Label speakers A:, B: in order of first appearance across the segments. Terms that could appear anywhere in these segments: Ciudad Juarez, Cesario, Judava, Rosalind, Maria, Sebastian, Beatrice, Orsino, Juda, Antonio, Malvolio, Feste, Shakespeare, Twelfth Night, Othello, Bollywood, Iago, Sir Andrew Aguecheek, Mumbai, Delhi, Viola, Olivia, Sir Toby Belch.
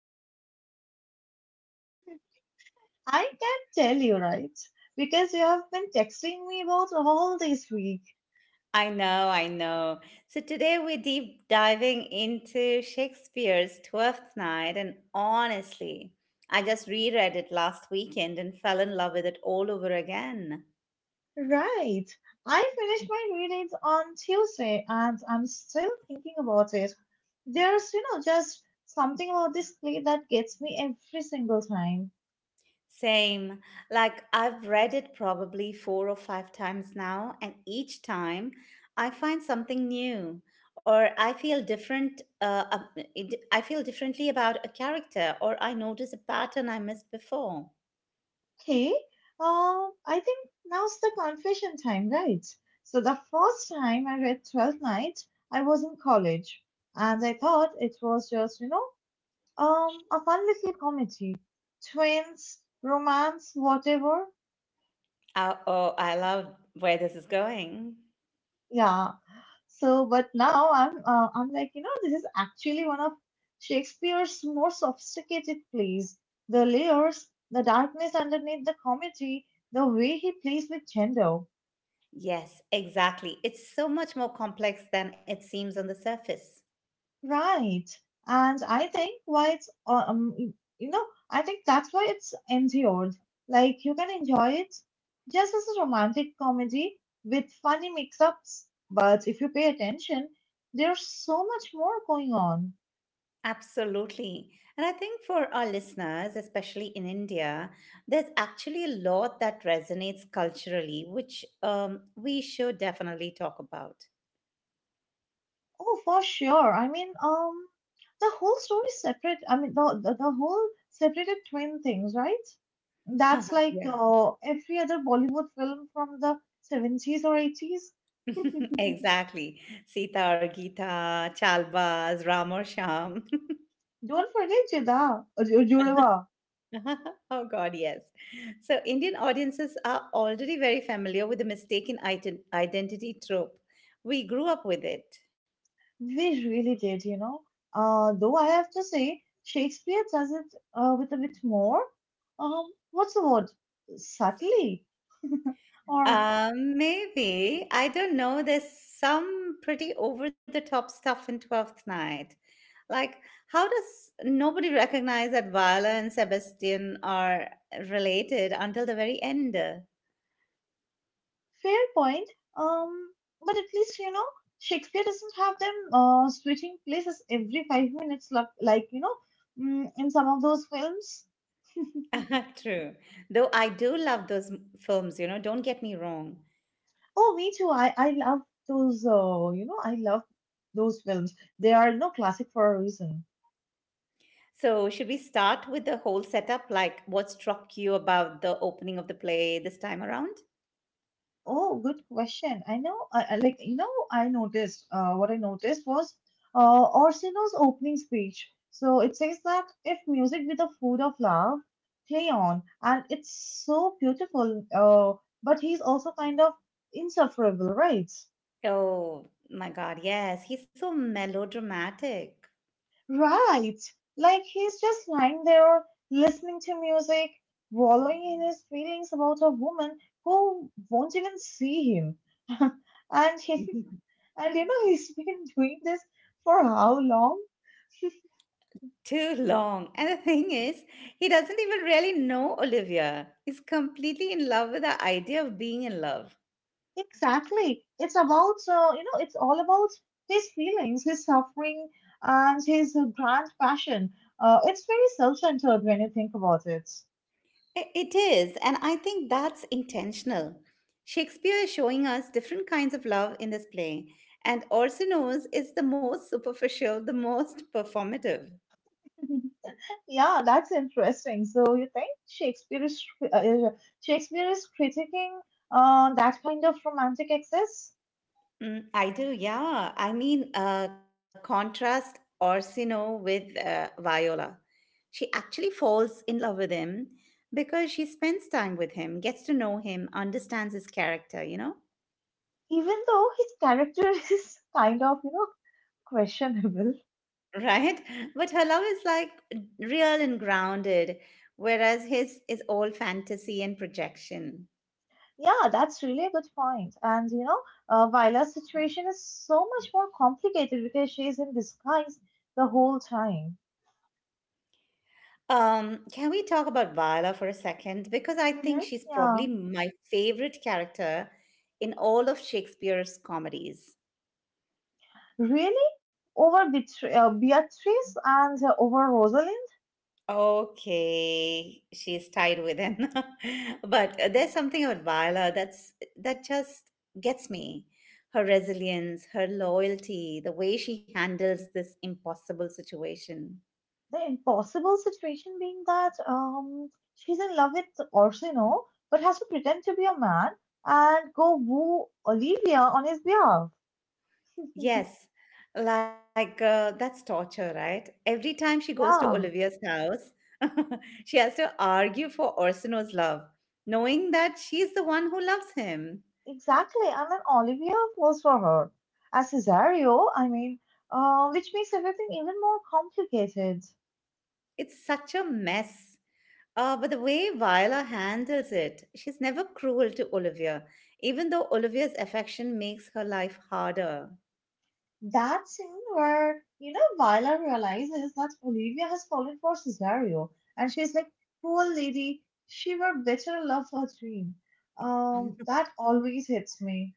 A: excitement today.
B: I can tell you, right? Because you have been texting me about all this week.
A: I know, I know. So today we're deep diving into Shakespeare's Twelfth Night, and honestly, I just reread it last weekend and fell in love with it all over again.
B: Right. I finished my readings on Tuesday and I'm still thinking about it. There's just something about this play that gets me every single time.
A: Same. Like, I've read it probably four or five times now, and each time I find something new or I feel different. I feel differently about a character, or I notice a pattern I missed before.
B: Okay, I think now's the confession time, right? So the first time I read Twelfth Night, I was in college, and I thought it was just, a fun little comedy, twins, romance, whatever.
A: Oh, I love where this is going.
B: Yeah. But now I'm like, this is actually one of Shakespeare's more sophisticated plays. The layers, the darkness underneath the comedy, the way he plays with gender,
A: Yes, exactly. It's so much more complex than it seems on the surface.
B: right? And I think why it's you know, I think that's why it's endured. Like you can enjoy it just as a romantic comedy with funny mix-ups, but if you pay attention, there's so much more going on.
A: Absolutely. And I think for our listeners, especially in India, there's actually a lot that resonates culturally, which we should definitely talk about.
B: Oh, for sure. I mean, the whole story separate. I mean, the whole separated twin things, right? That's like
A: Yeah.
B: every other Bollywood film from the 70s or 80s.
A: Exactly. Sita or Gita, Chalbas, Ram or Sham.
B: Don't forget Juda, Judava.
A: Oh, God, yes. So, Indian audiences are already very familiar with the mistaken identity trope. We grew up with it.
B: We really did, you know. Though I have to say, Shakespeare does it with a bit more. Um, what's the word? Subtly, or
A: Maybe. I don't know. There's some pretty over the top stuff in Twelfth Night. Like, how does nobody recognize that Viola and Sebastian are related until the very end?
B: fair point. Um, but at least you know Shakespeare doesn't have them switching places every 5 minutes, like in some of those films.
A: True. Though I do love those films, don't get me wrong.
B: Oh, me too. I love those. I love those films. They are no classic for a reason.
A: So, should we start with the whole setup? Like, what struck you about the opening of the play this time around?
B: Oh, good question. I know, I- like, you know, I noticed, What I noticed was Orsino's opening speech. So it says that if music be the food of love, play on. And it's so beautiful, but he's also kind of insufferable, right?
A: Oh my God, yes, he's so melodramatic.
B: Right. Like he's just lying there listening to music, wallowing in his feelings about a woman who won't even see him. And he, and you know he's been doing this for how long?
A: Too long. And the thing is, he doesn't even really know Olivia. He's completely in love with the idea of being in love.
B: Exactly. It's all about his feelings, his suffering, and his grand passion. It's very self-centered when you think about it.
A: It is, and I think that's intentional. Shakespeare is showing us different kinds of love in this play, and Orsino's is the most superficial, the most performative.
B: Yeah, that's interesting. So you think Shakespeare is critiquing that kind of romantic excess,
A: I do, yeah. I mean, contrast Orsino with Viola. She actually falls in love with him because she spends time with him, gets to know him, understands his character, you know?
B: even though his character is kind of you know questionable.
A: Right? But her love is like real and grounded, whereas his is all fantasy and projection.
B: Yeah, that's really a good point. And you know, Vila's situation is so much more complicated because she's in disguise the whole time.
A: Can we talk about Viola for a second? Because I think
B: Hmm.
A: she's probably
B: Yeah,
A: my favorite character in all of Shakespeare's comedies.
B: really? Over Beatrice and over Rosalind.
A: Okay, she's tied with him. But there's something about Viola that just gets me. Her resilience, her loyalty, the way she handles this impossible situation.
B: The impossible situation being that she's in love with Orsino but has to pretend to be a man and go woo Olivia on his behalf.
A: Yes, like that's torture, right? Every time she goes to
B: Yeah,
A: Olivia's house, she has to argue for Orsino's love, knowing that she's the one who loves him.
B: exactly. And then Olivia falls for her. As Cesario, I mean, which makes everything even more complicated.
A: It's such a mess. But the way Viola handles it, she's never cruel to Olivia, even though Olivia's affection makes her life harder.
B: That scene where, you know, Viola realizes that Olivia has fallen for Cesario and she's like, poor lady, she were better love her dream. That always hits me.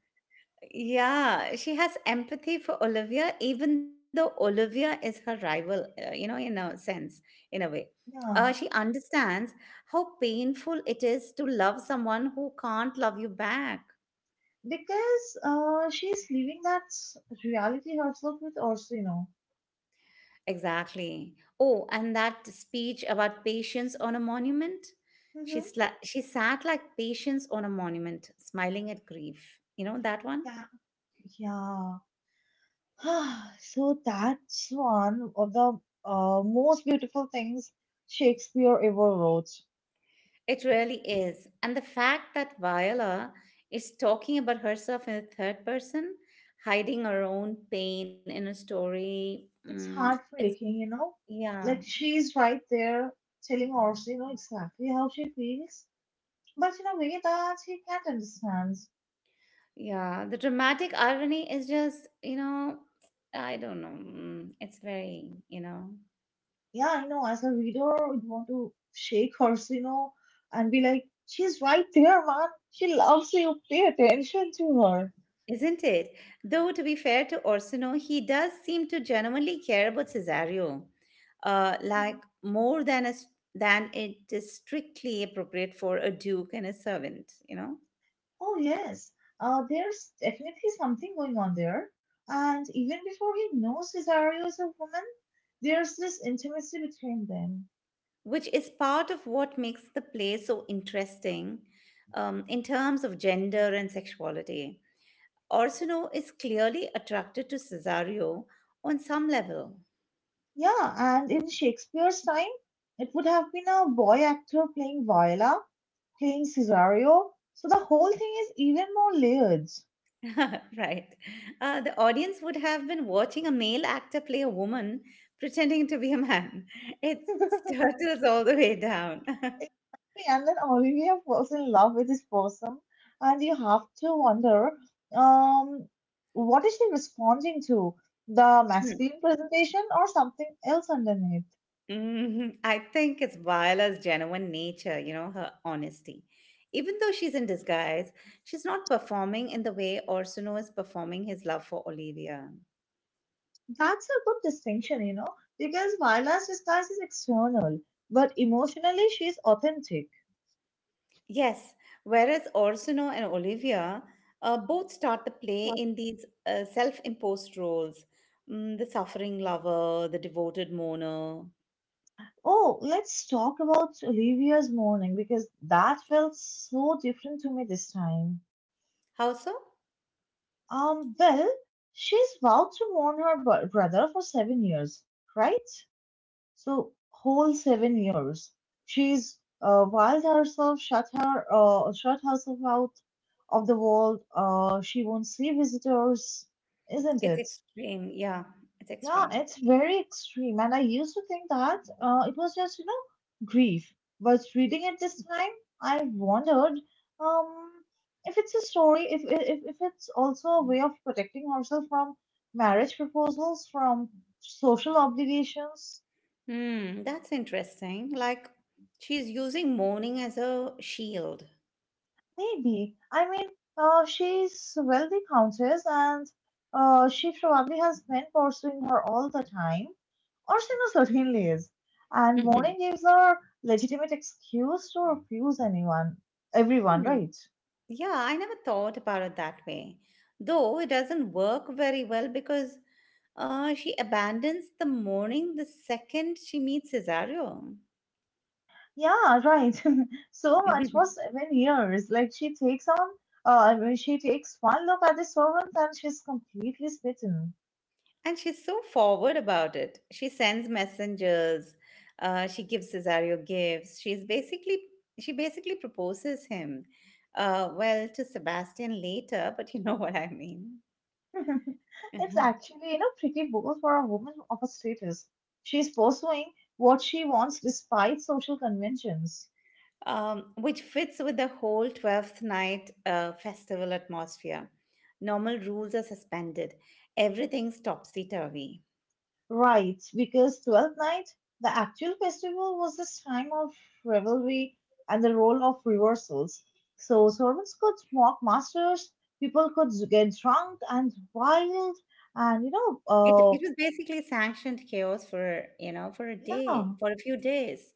A: Yeah, she has empathy for Olivia, even though Olivia is her rival, in a sense, in a way. She
B: Yeah.
A: understands how painful it is to love someone who can't love you back.
B: Because she's leaving that reality herself with Orsino.
A: Exactly. Oh, and that speech about patience on a monument. She
B: Mm-hmm.
A: sla- she sat like patience on a monument, smiling at grief. You know that one?
B: Yeah. Yeah. So that's one of the most beautiful things Shakespeare ever wrote.
A: It really is. And the fact that Viola is talking about herself in the third person, hiding her own pain in a story.
B: It's
A: Mm, it's
B: heartbreaking, you know.
A: Yeah,
B: Like she's right there telling Orsi, you know, exactly how she feels, but in a way that he can't understand.
A: yeah. The dramatic irony is just, I don't know. It's very.
B: Yeah, I know. As a reader, you'd want to shake Orsi, you know, and be like, "She's right there, man. She loves you. Pay attention to her."
A: Isn't it? Though, to be fair to Orsino, he does seem to genuinely care about Cesario, like
B: Mhm.
A: more than it is strictly appropriate for a duke and a servant,
B: Oh yes, there's definitely something going on there. And even before he knows Cesario is a woman, there's this intimacy between them.
A: which is part of what makes the play so interesting in terms of gender and sexuality. Orsino is clearly attracted to Cesario on some level.
B: Yeah, and in Shakespeare's time, it would have been a boy actor playing Viola, playing Cesario. So the whole thing is even more layered.
A: Right. The audience would have been watching a male actor play a woman pretending to be a man. It turtles all the way down.
B: And then Olivia falls in love with this person, and you have to wonder, um, what is she responding to? The masculine presentation or something else underneath?
A: Mhm. I think it's Viola's genuine nature, her honesty. Even though she's in disguise, she's not performing in the way Orsono is performing his love for Olivia.
B: That's a good distinction, you know, because Viola's disguise is external, but emotionally she's authentic.
A: Yes, whereas Orsino and Olivia both start the play in these self imposed roles, the suffering lover, the devoted mourner.
B: Oh, let's talk about Olivia's morning because that felt so different to me this time.
A: How so?
B: Well, she's vowed to mourn her brother for 7 years, right? So, whole 7 years. She's wild herself, shut her, shut herself out of the world. She won't see visitors, isn't
A: It's
B: it?
A: extreme. Yeah, it's
B: Yeah,
A: extreme.
B: it's very extreme. And I used to think that it was just, you know, grief. But reading it this time, I wondered um, if it's also a way of protecting ourselves from marriage proposals, from social obligations.
A: That's interesting. Like she's using mourning as a shield.
B: Maybe. I mean, she's wealthy countess and she probably has been pursuing her all the time. Or she knows certainly is. And
A: Mhm.
B: Morning gives her legitimate excuse to refuse anyone, everyone,
A: Hmm,
B: right?
A: yeah, I never thought about it that way. Though it doesn't work very well because she abandons the morning the second she meets Cesario.
B: Yeah, right. So much for 7 years. Like she takes on, I mean, She takes one look at the servants and she's completely smitten.
A: And she's so forward about it. She sends messengers. She gives Cesario gifts. She basically proposes him. Well, to Sebastian later, but you know what I mean.
B: It's actually, you know, pretty bold for a woman of her status. She's pursuing what she wants despite social conventions.
A: Which fits with the whole Twelfth night festival atmosphere. Normal rules are suspended, everything's topsy turvy.
B: Right, because Twelfth Night, the actual festival, was this time of revelry and the role of reversals. So servants could mock masters, people could get drunk and wild, and
A: It,
B: uh,
A: it was basically sanctioned chaos for you know for a day
B: yeah,
A: for a few days,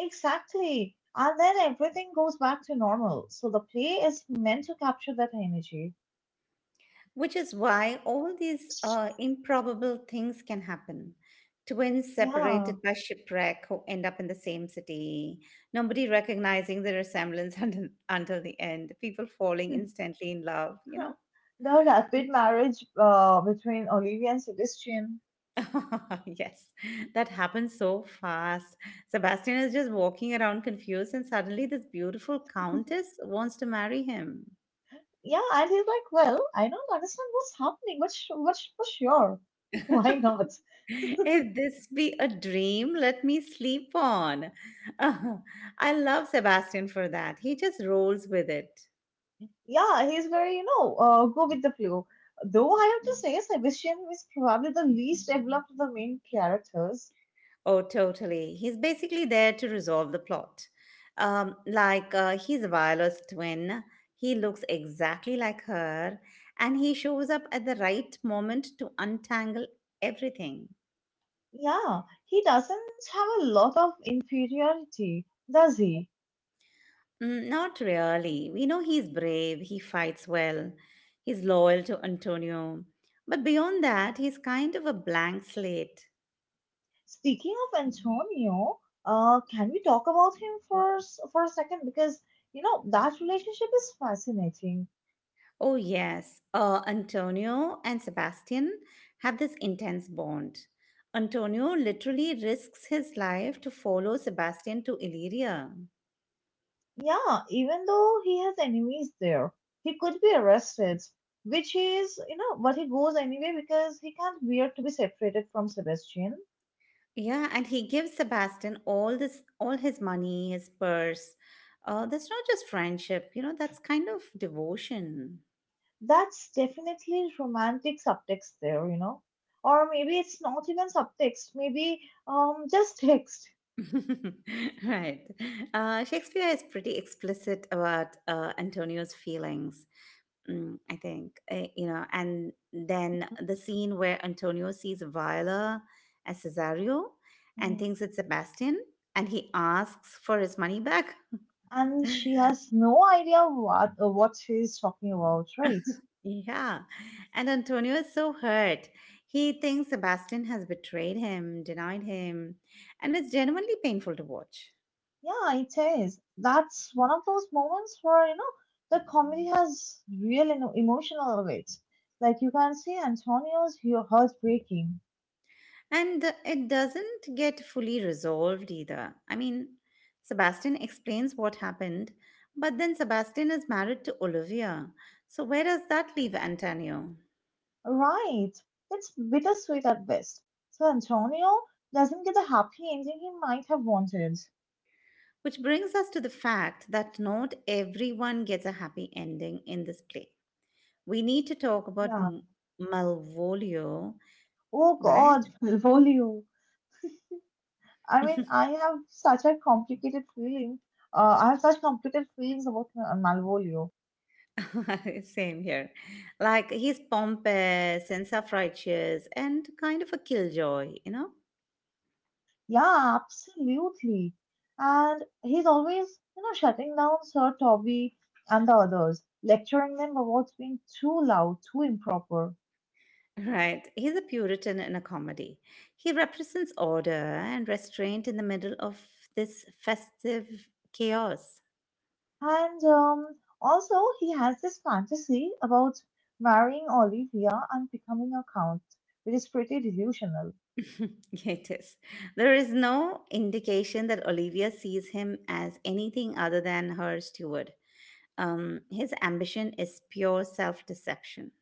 B: exactly. And then everything goes back to normal. So the play is meant to capture that energy.
A: which is why all these improbable things can happen. Twins
B: Yeah.
A: separated by shipwreck who end up in the same city. Nobody recognizing the resemblance until the end. People falling
B: Hmm.
A: instantly in love.
B: The rapid marriage between Olivia and Sebastian.
A: Yes, that happens so fast. Sebastian is just walking around confused, and suddenly this beautiful countess wants to marry him.
B: Yeah, and he's like, well, I don't understand what's happening, but sh- for sure, why not?
A: If this be a dream, let me sleep on. I love Sebastian for that. He just rolls with it.
B: Yeah, he's very, you know, go with the flow. Though I have to say, Sebastian is probably the least developed of the main characters.
A: Oh, totally. He's basically there to resolve the plot. Like, he's Viola's twin. He looks exactly like her, and he shows up at the right moment to untangle everything.
B: Yeah, he doesn't have a lot of inferiority, does he?
A: Not really. We know he's brave, he fights well, he's loyal to Antonio. But beyond that, he's kind of a blank slate.
B: Speaking of Antonio, can we talk about him for for a second? Because you know that relationship is fascinating.
A: Oh, yes. Antonio and Sebastian have this intense bond. Antonio literally risks his life to follow Sebastian to Illyria.
B: Yeah, even though he has enemies there, he could be arrested, which is you know, but he goes anyway because he can't bear to be separated from Sebastian.
A: Yeah, and he gives Sebastian all his money, his purse. That's not just friendship, that's kind of devotion.
B: That's definitely romantic subtext there, you know, or maybe it's not even subtext, maybe just text.
A: Right. Shakespeare is pretty explicit about Antonio's feelings. I think, and then the scene where Antonio sees Viola as Cesario and
B: Hmm.
A: thinks it's Sebastian and he asks for his money back.
B: And she has no idea what she's talking about, right?
A: Yeah. And Antonio is so hurt. He thinks Sebastian has betrayed him, denied him, and it's genuinely painful to watch.
B: Yeah, it is. That's one of those moments where, you know, the comedy has real emotional weight. Like you can see Antonio's heart breaking.
A: And it doesn't get fully resolved either. I mean, Sebastian explains what happened, but then Sebastian is married to Olivia. So, where does that leave Antonio?
B: Right. It's bittersweet at best. So Antonio doesn't get the happy ending he might have wanted.
A: Which brings us to the fact that not everyone gets a happy ending in this play. We need to talk about
B: Yeah.
A: Malvolio,
B: Oh
A: right?
B: God, Volio. I mean, I have such complicated feelings about Malvolio.
A: Same here. Like, he's pompous and self righteous and kind of a killjoy, you know?
B: Yeah, absolutely. And he's always, you know, shutting down Sir Toby and the others, lecturing them about being too loud, too improper.
A: Right. He's a Puritan in a comedy. He represents order and restraint in the middle of this festive chaos.
B: And also, he has this fantasy about marrying Olivia and becoming a count, which is pretty delusional.
A: Yeah, it is. There is no indication that Olivia sees him as anything other than her steward. His ambition is pure self deception.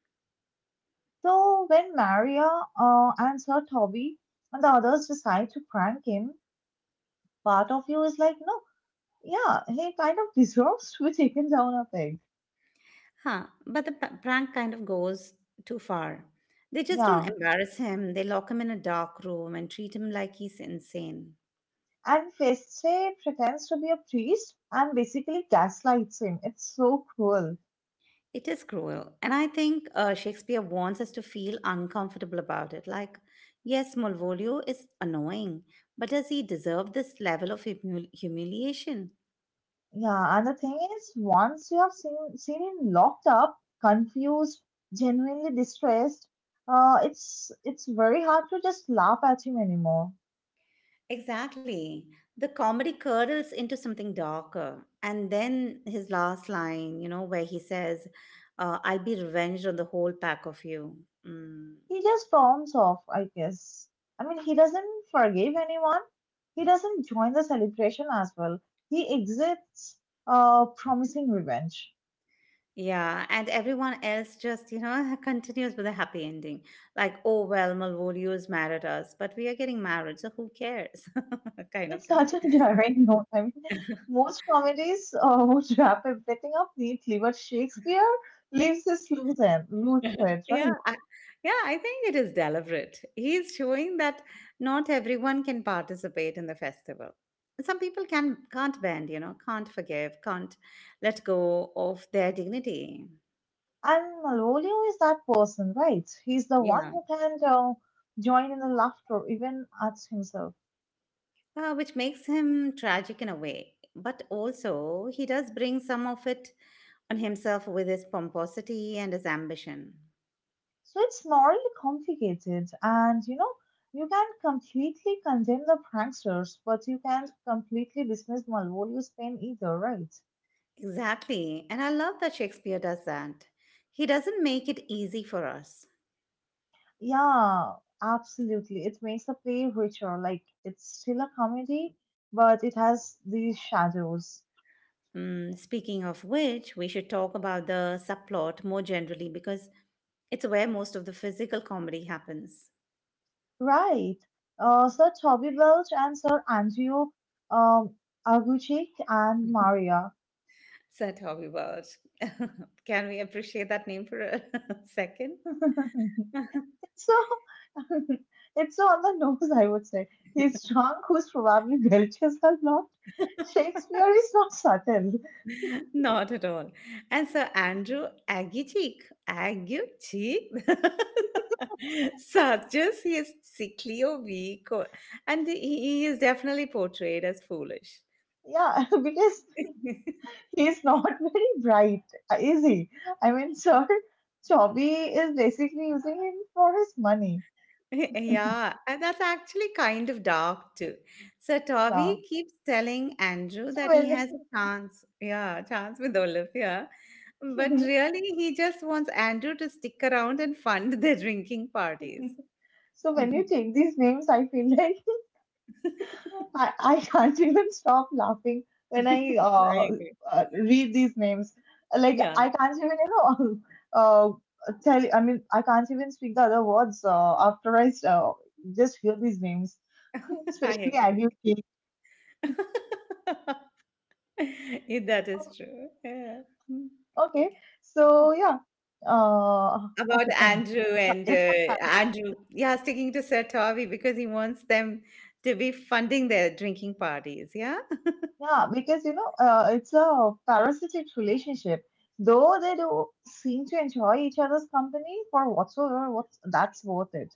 B: So when Maria and Sir Toby and the others decide to prank him, part of you is like, no, yeah, he kind of deserves to be taken down a peg.
A: Huh. But the prank kind of goes too far. They just don't
B: Yeah.
A: embarrass him, they lock him in a dark room and treat him like he's insane.
B: And Feste pretends to be a priest and basically gaslights him. It's so cruel.
A: It is cruel. And I think Shakespeare wants us to feel uncomfortable about it. Like, yes, Malvolio is annoying, but does he deserve this level of humiliation?
B: Yeah, and the thing is, once you have seen him locked up, confused, genuinely distressed, it's very hard to just laugh at him anymore.
A: Exactly. The comedy curdles into something darker. And then his last line, where he says, I'll be revenged on the whole pack of you. Mm.
B: He just storms off, I guess. I mean, he doesn't forgive anyone. He doesn't join the celebration as well. He exits, promising revenge.
A: Yeah, and everyone else just, continues with a happy ending. Like, oh, well, Malvolio's married us, but we are getting married, so who cares? kind of
B: It's
A: thing.
B: not a jarring note. I mean, most comedies would wrap everything up neatly, but Shakespeare leaves this loose thread,
A: Yeah,
B: right?
A: I think it is deliberate. He's showing that not everyone can participate in the festival. Some people can't bend, can't forgive, can't let go of their dignity.
B: And Malvolio is that person, right? He's the one
A: Yeah.
B: who can join in the laughter even at himself.
A: Which makes him tragic in a way. But also, he does bring some of it on himself with his pomposity and his ambition.
B: So it's morally complicated, and you know, you can completely condemn the pranksters, but you can't completely dismiss Malvolio's pain either, right?
A: Exactly. And I love that Shakespeare does that. He doesn't make it easy for us.
B: Yeah, absolutely. It makes the play richer. Like it's still a comedy, but it has these shadows.
A: Speaking of which, we should talk about the subplot more generally because it's where most of the physical comedy happens.
B: Right. Sir Toby Belch and Sir Andrew um, Aguchik and Maria.
A: Sir Toby Welch. Can we appreciate that name for a second?
B: It's so it's so on the nose, I would say. He's drunk, who's probably belches a lot. Shakespeare is not subtle.
A: Not at all. And Sir Andrew Aguecheek, Aguecheek, suggests he is sickly or weak, and he is definitely portrayed as foolish.
B: Yeah, because he's not very bright, is he? I mean, Sir Chobby is basically using him for his money.
A: Yeah, and that's actually kind of dark too. So
B: Yeah.
A: Toby keeps telling Andrew
B: So
A: that he
B: when
A: has a chance with Olivia, but really he just wants Andrew to stick around and fund their drinking parties.
B: so when you take these names, I feel like I can't even stop laughing when I
A: I
B: uh,
A: agree.
B: uh, read these names. Like
A: Yeah.
B: I can't even you know uh, tell. I mean, I can't even speak the other words after I just hear these names,
A: I
B: especially
A: agree.
B: Aggie.
A: If that is true. Yeah. Mm.
B: Okay, so yeah, uh,
A: about
B: okay, fine.
A: Andrew
B: Yeah,
A: and uh, Andrew, yeah, sticking to Sir Toby because he wants them to be funding their drinking parties. Yeah.
B: Yeah, because you know, it's a parasitic relationship. Though they do seem to enjoy each other's company for whatsoever, what's that's worth it.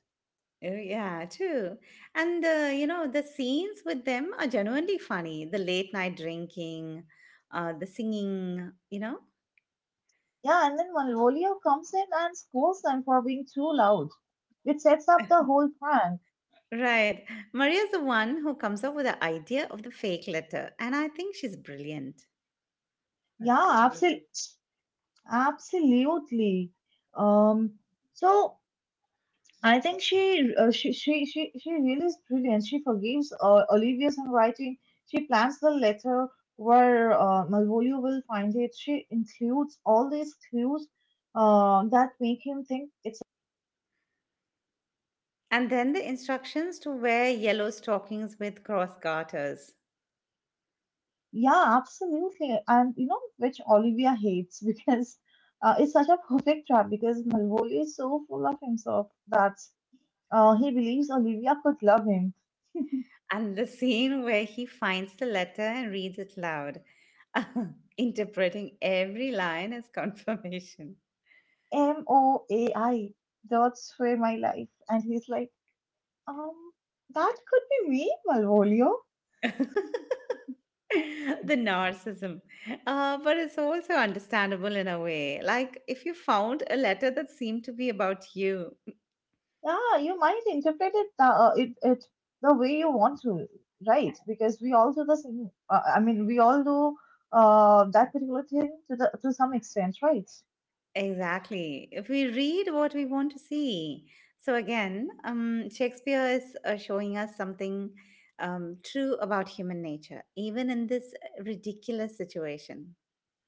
A: Oh, yeah, true. And the scenes with them are genuinely funny. The late night drinking, the singing.
B: Yeah, and then Malvolio comes in and scolds them for being too loud, which sets up the whole prank.
A: Right. Maria's the one who comes up with the idea of the fake letter, and I think she's brilliant.
B: Yeah, absolutely, absolutely. Um, so. I think she really is brilliant. She forgives Olivia's handwriting. She plans the letter where Malvolio will find it. She includes all these clues that make him think.
A: And then the instructions to wear yellow stockings with cross garters.
B: Yeah, absolutely. And you know which Olivia hates because it's such a perfect trap because Malvolio is so full of himself that he believes Olivia could love him.
A: And the scene where he finds the letter and reads it loud, interpreting every line as confirmation.
B: M O A I. That's where my life. And he's like, Um, that could be me, Malvolio.
A: the narcissism. But it's also understandable in a way. Like if you found a letter that seemed to be about you.
B: Yeah, you might interpret it the way you want to, right? Because we all do the same. I mean, we all do that particular thing to the to some extent, right?
A: Exactly. If we read what we want to see. So again, Shakespeare is showing us something true about human nature, even in this ridiculous situation.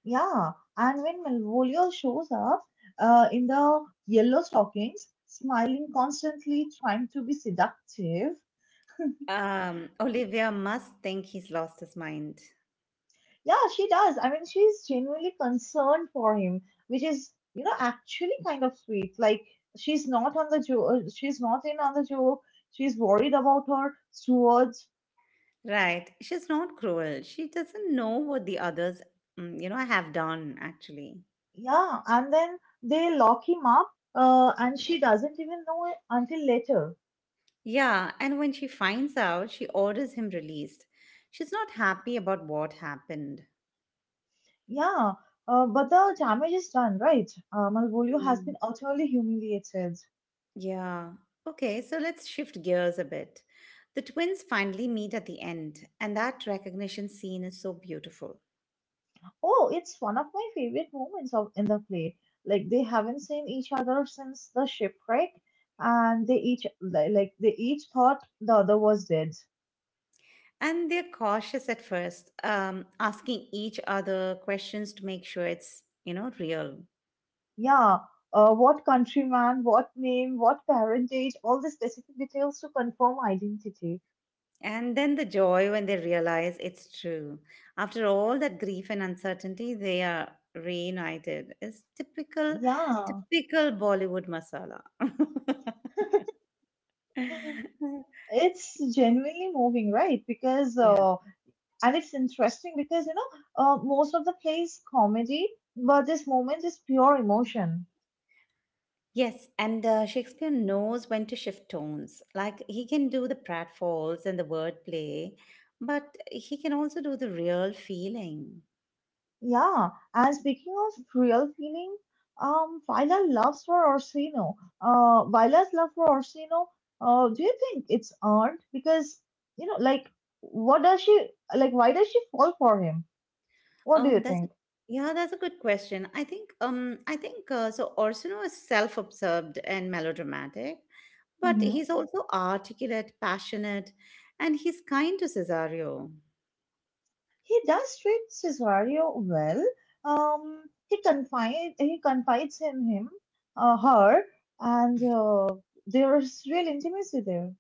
B: Yeah, and when Malvolio shows up in the yellow stockings, smiling constantly, trying to be seductive.
A: Olivia must think he's lost his mind.
B: Yeah, she does. I mean, she's genuinely concerned for him, which is, you know, actually kind of sweet. Like she's not in on the joke. She's worried about her stewards.
A: Right. She's not cruel. She doesn't know what the others, you know, have done, actually.
B: Yeah, and then they lock him up, and she doesn't even know it until later.
A: Yeah. And when she finds out, she orders him released. She's not happy about what happened.
B: Yeah, but the damage is done, right? Malvolio has
A: Mm.
B: been utterly humiliated.
A: Yeah. Okay. So let's shift gears a bit. The twins finally meet at the end, and that recognition scene is so beautiful.
B: Oh, it's one of my favorite moments of in the play. Like they haven't seen each other since the shipwreck, and like they each thought the other was dead.
A: And they're cautious at first, asking each other questions to make sure it's, you know, real.
B: Yeah, what countryman, what name, what parentage, all the specific details to confirm identity.
A: And then the joy when they realize it's true. After all that grief and uncertainty, they are reunited. It's typical,
B: Yeah,
A: typical Bollywood masala.
B: it's genuinely moving, right? Because
A: yeah.
B: And it's interesting because you know most of the play is comedy, but this moment is pure emotion.
A: Yes, and Shakespeare knows when to shift tones. Like he can do the pratfalls and the wordplay, but he can also do the real feeling.
B: Yeah, and speaking of real feeling, Vila's loves for Orsino Viola's love for Orsino. Do you think it's earned? Because you know, like, what does she, like, why does she fall for him? What do you
A: Um, that's a,
B: think?
A: yeah, that's a good question. I think. Orsino is self-absorbed and melodramatic, but
B: Mm-hmm.
A: he's also articulate, passionate, and he's kind to Cesario,
B: He does treat Cesario well. He confides in him, her, and there's real intimacy there.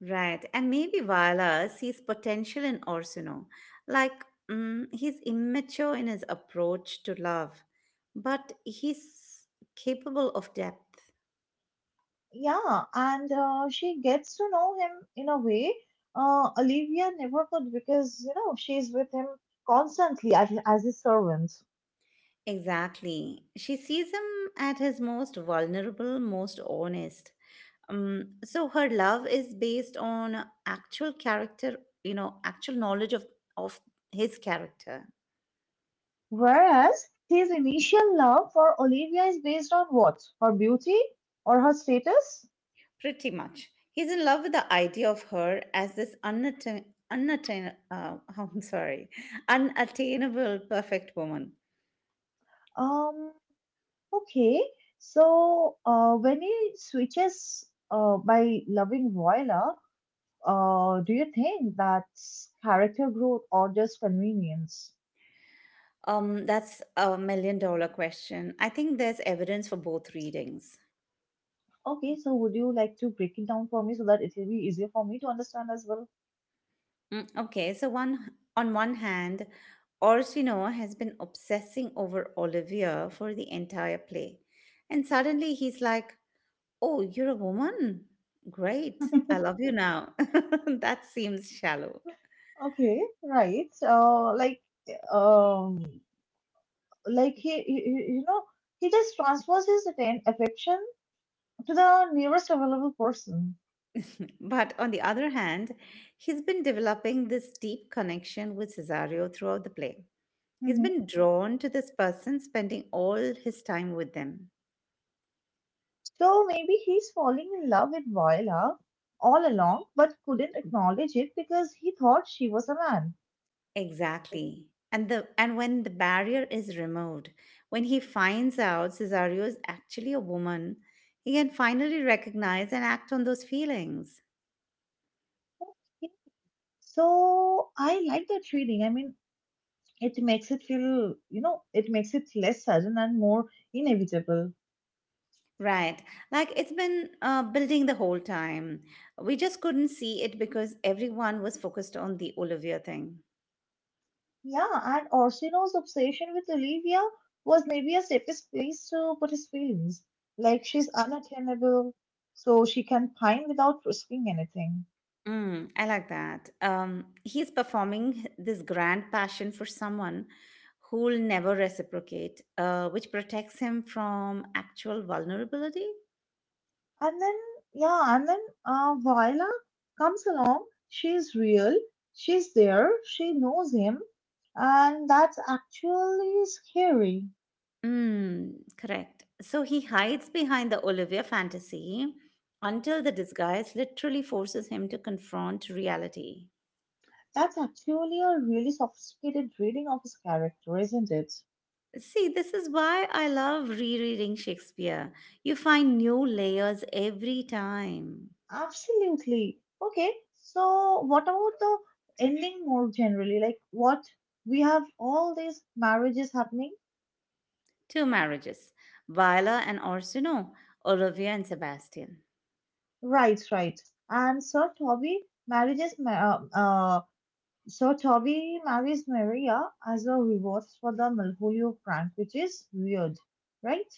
A: right? And maybe Viola sees potential in Orsino, like he's immature in his approach to love, but he's capable of depth.
B: Yeah, and she gets to know him in a way Olivia never could, because you know she's with him constantly as his servant.
A: Exactly. She sees him at his most vulnerable, most honest, so her love is based on actual character, you know, actual knowledge of his character.
B: Whereas his initial love for Olivia is based on what? Her beauty or her status?
A: Pretty much he's in love with the idea of her as this unattain unattain I'm sorry, unattainable perfect woman.
B: Um, Okay, so when he switches by loving Viola, do you think that's character growth or just convenience?
A: Um, that's a million dollar question. I think there's evidence for both readings.
B: Okay, so would you like to break it down for me so that it will be easier for me to understand as well?
A: Mm, okay, so one hand, Orsino has been obsessing over Olivia for the entire play, and suddenly he's like, "Oh, you're a woman. Great, I love you now." That seems shallow.
B: Okay, right. Um, like you know, he just transfers his affection to the nearest available person.
A: But on the other hand, he's been developing this deep connection with Cesario throughout the play. He's
B: Mm-hmm.
A: been drawn to this person, spending all his time with them.
B: So maybe he's falling in love with Viola all along, but couldn't acknowledge it because he thought she was a man.
A: Exactly. And when the barrier is removed, when he finds out Cesario is actually a woman, he can finally recognize and act on those feelings.
B: Okay. So I like that reading. I mean, it makes it feel, you know, it makes it less sudden and more inevitable.
A: Right. Like it's been building the whole time. We just couldn't see it because everyone was focused on the Olivia thing.
B: Yeah, and Orsino's obsession with Olivia was maybe a safest place to put his feelings. Like she's unattainable, so she can pine without risking anything.
A: Mm, I like that. He's performing this grand passion for someone who'll never reciprocate, which protects him from actual vulnerability.
B: And then, yeah, and then Viola comes along. She's real. She's there. She knows him. And that's actually scary.
A: Mm, correct. So he hides behind the Olivia fantasy until the disguise literally forces him to confront reality.
B: That's actually a really sophisticated reading of his character, isn't it?
A: See, this is why I love rereading Shakespeare. You find new layers every time.
B: Absolutely. Okay, so what about the ending more generally? Like, what, we have all these marriages happening?
A: Two marriages, Viola and Orsino, Olivia and Sebastian.
B: Right, right. And Sir Toby marriages ma- uh, uh, So Toby marries Maria as a reward for the Malvolio prank, which is weird, right?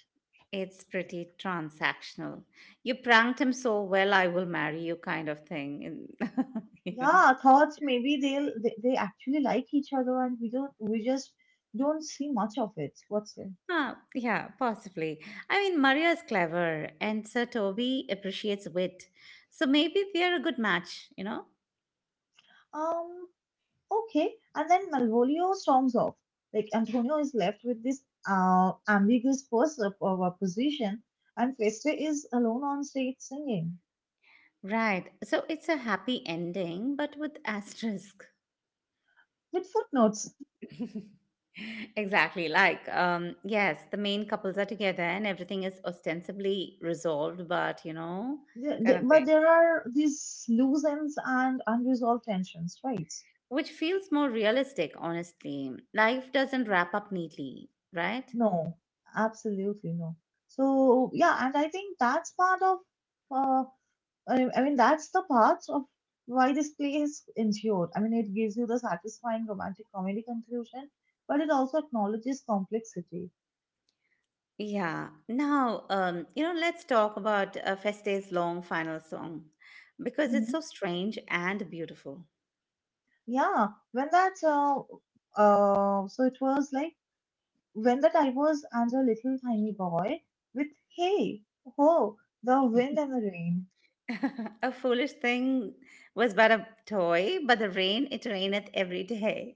A: It's pretty transactional. You pranked him so well, I will marry you, kind of thing. You
B: Yeah,
A: know.
B: I thought maybe they actually like each other and we just don't see much of it. What's it?
A: Ah, yeah, possibly. I mean, Maria is clever, and Sir Toby appreciates wit. So maybe they're a good match, you know?
B: Um, okay. And then Malvolio storms off. Like Antonio is left with this ambiguous pos- of a position, and Feste is alone on stage singing
A: Right. So it's a happy ending, but with asterisk.
B: with footnotes.
A: Exactly. Like, yes, the main couples are together and everything is ostensibly resolved, but you know, kind of
B: But
A: thing,
B: there are these loose ends and unresolved tensions, right?
A: which feels more realistic. Honestly, life doesn't wrap up neatly, right?
B: No, absolutely no. So, yeah, and I think that's part of, uh, I mean, that's the part of why this play is endured. I mean, it gives you the satisfying romantic comedy conclusion, but it also acknowledges complexity.
A: Yeah. Now, you know, let's talk about Feste's long final song, because it's so
B: Hmm.
A: strange and beautiful.
B: Yeah, when so it was like, when the divorce and a little tiny boy with hey, ho, the wind and the rain.
A: A foolish thing was but a toy, but the rain it raineth every day.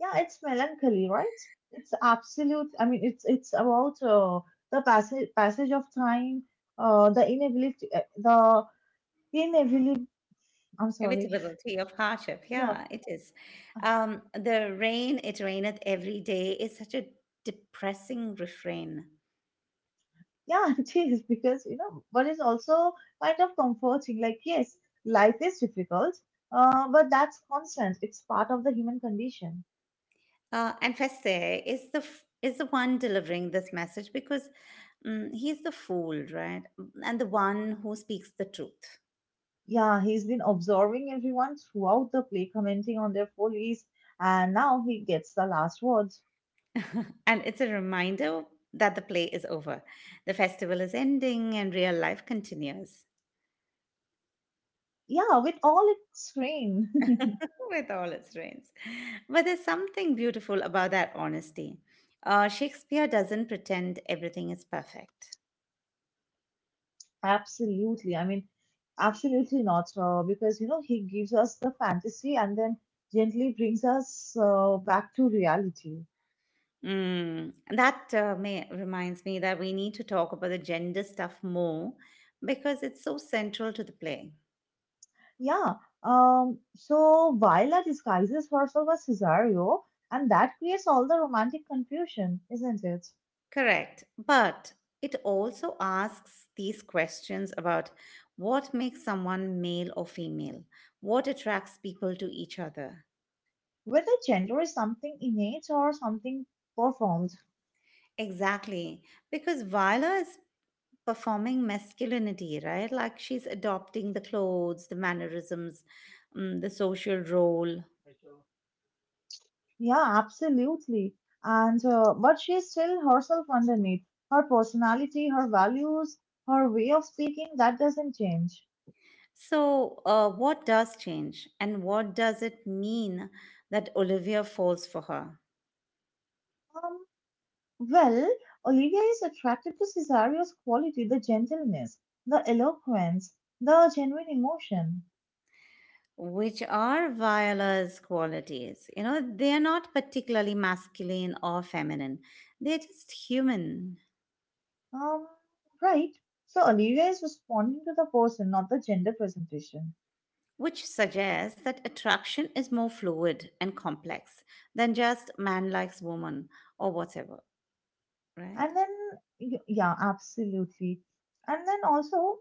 B: Yeah, it's melancholy, right? It's absolute. I mean, it's about the passage of time, uh, the inability, uh, the inability. I'm sorry.
A: Inevitability of hardship.
B: Yeah,
A: Yeah, it is. The rain, it raineth every day is such a depressing refrain.
B: yeah, it is, because you know, but it's also kind of comforting. Like, yes, life is difficult, but that's constant. It's part of the human condition.
A: And Feste is is the one delivering this message because he's the fool, right? And the one who speaks the truth.
B: Yeah, he's been observing everyone throughout the play, commenting on their follies, and now he gets the last word.
A: And it's a reminder that the play is over, the festival is ending, and real life continues.
B: Yeah, with all its strain.
A: With all its rains, but there's something beautiful about that honesty. Shakespeare doesn't pretend everything is perfect.
B: Absolutely. I mean, absolutely not. Because, you know, he gives us the fantasy and then gently brings us back to reality.
A: Mm. and That may, reminds me that we need to talk about the gender stuff more because it's so central to the play.
B: Yeah. So Viola disguises herself as Cesario, and that creates all the romantic confusion, isn't it?
A: Correct. But it also asks these questions about what makes someone male or female, what attracts people to each other.
B: Whether gender is something innate or something performed.
A: Exactly. Because Viola is performing masculinity, right? Like she's adopting the clothes, the mannerisms, the social role.
B: Yeah, absolutely. And but she's still herself underneath. Her personality, her values, her way of speaking, that doesn't change.
A: So, what does change, and what does it mean that Olivia falls for her?
B: Um, well, Olivia is attracted to Cesario's quality, the gentleness, the eloquence, the genuine emotion.
A: Which are Viola's qualities? You know, they're not particularly masculine or feminine, they're just human,
B: Um, right. So Olivia is responding to the person, not the gender presentation.
A: which suggests that attraction is more fluid and complex than just man likes woman or whatever, right?
B: And then, yeah, absolutely. And then also,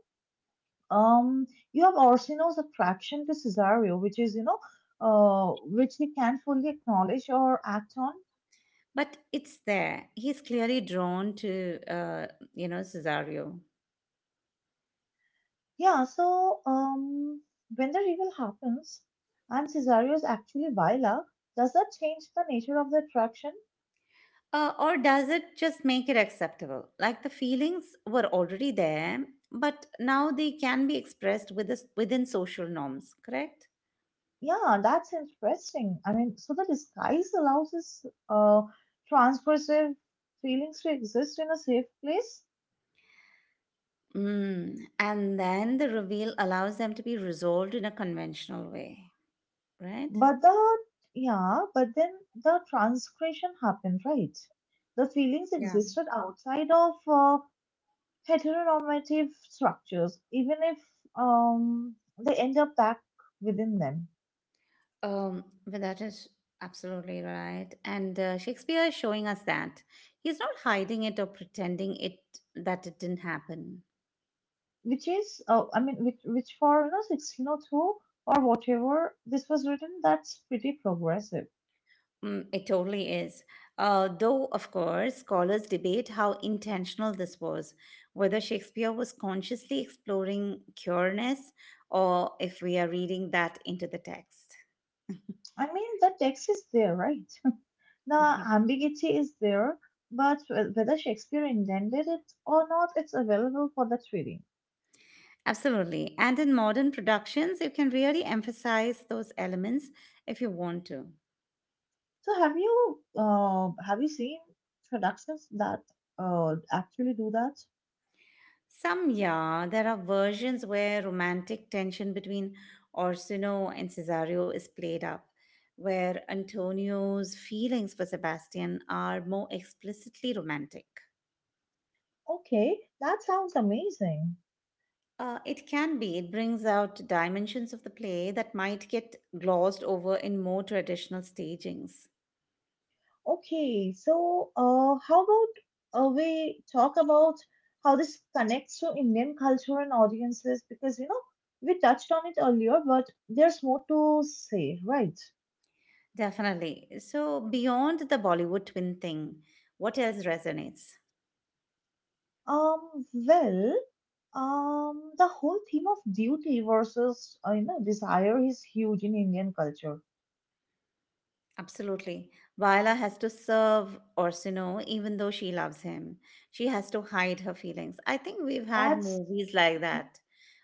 B: um you have Orsino's attraction to Cesario, which is, you know, which he can't fully acknowledge or act on.
A: But it's there. He's clearly drawn to, you know, Cesario.
B: Yeah, so when the reveal happens and Cesario is actually Viola, does that change the nature of the attraction?
A: Or does it just make it acceptable? Like the feelings were already there, but now they can be expressed with this, within social norms, correct?
B: Yeah, that's interesting. I mean, so the disguise allows this transgressive feelings to exist in a safe place.
A: Mm. And then the reveal allows them to be resolved in a conventional way, right?
B: But the yeah, but then the transgression happened, right? The feelings
A: Yeah.
B: existed outside of heteronormative structures, even if um, they end up back within them.
A: But that is absolutely right. And Shakespeare is showing us that he's not hiding it or pretending it that it didn't happen.
B: Which is, I mean, which for you know, 1602 or whatever this was written, that's pretty progressive.
A: Mm, it totally is. Though, of course, scholars debate how intentional this was, whether Shakespeare was consciously exploring cureness or if we are reading that into the text.
B: I mean, the text is there, right? The
A: Mhm.
B: ambiguity is there, but whether Shakespeare intended it or not, it's available for the reading.
A: Absolutely. And in modern productions, you can really emphasize those elements if you want to.
B: So have you seen productions that actually do that?
A: Some, yeah, there are versions where romantic tension between Orsino and Cesario is played up, where Antonio's feelings for Sebastian are more explicitly romantic.
B: Okay, that sounds amazing.
A: It can be, it brings out dimensions of the play that might get glossed over in more traditional stagings.
B: Okay, so how about we talk about how this connects to Indian culture and audiences? Because you know we touched on it earlier, but there's more to say, right?
A: Definitely. So, beyond the Bollywood twin thing, what else resonates?
B: Um, well, the whole theme of duty versus you know, desire is huge in Indian culture.
A: Absolutely. Viola has to serve Orsino even though she loves him. She has to hide her feelings. I think we've had
B: That's
A: movies like that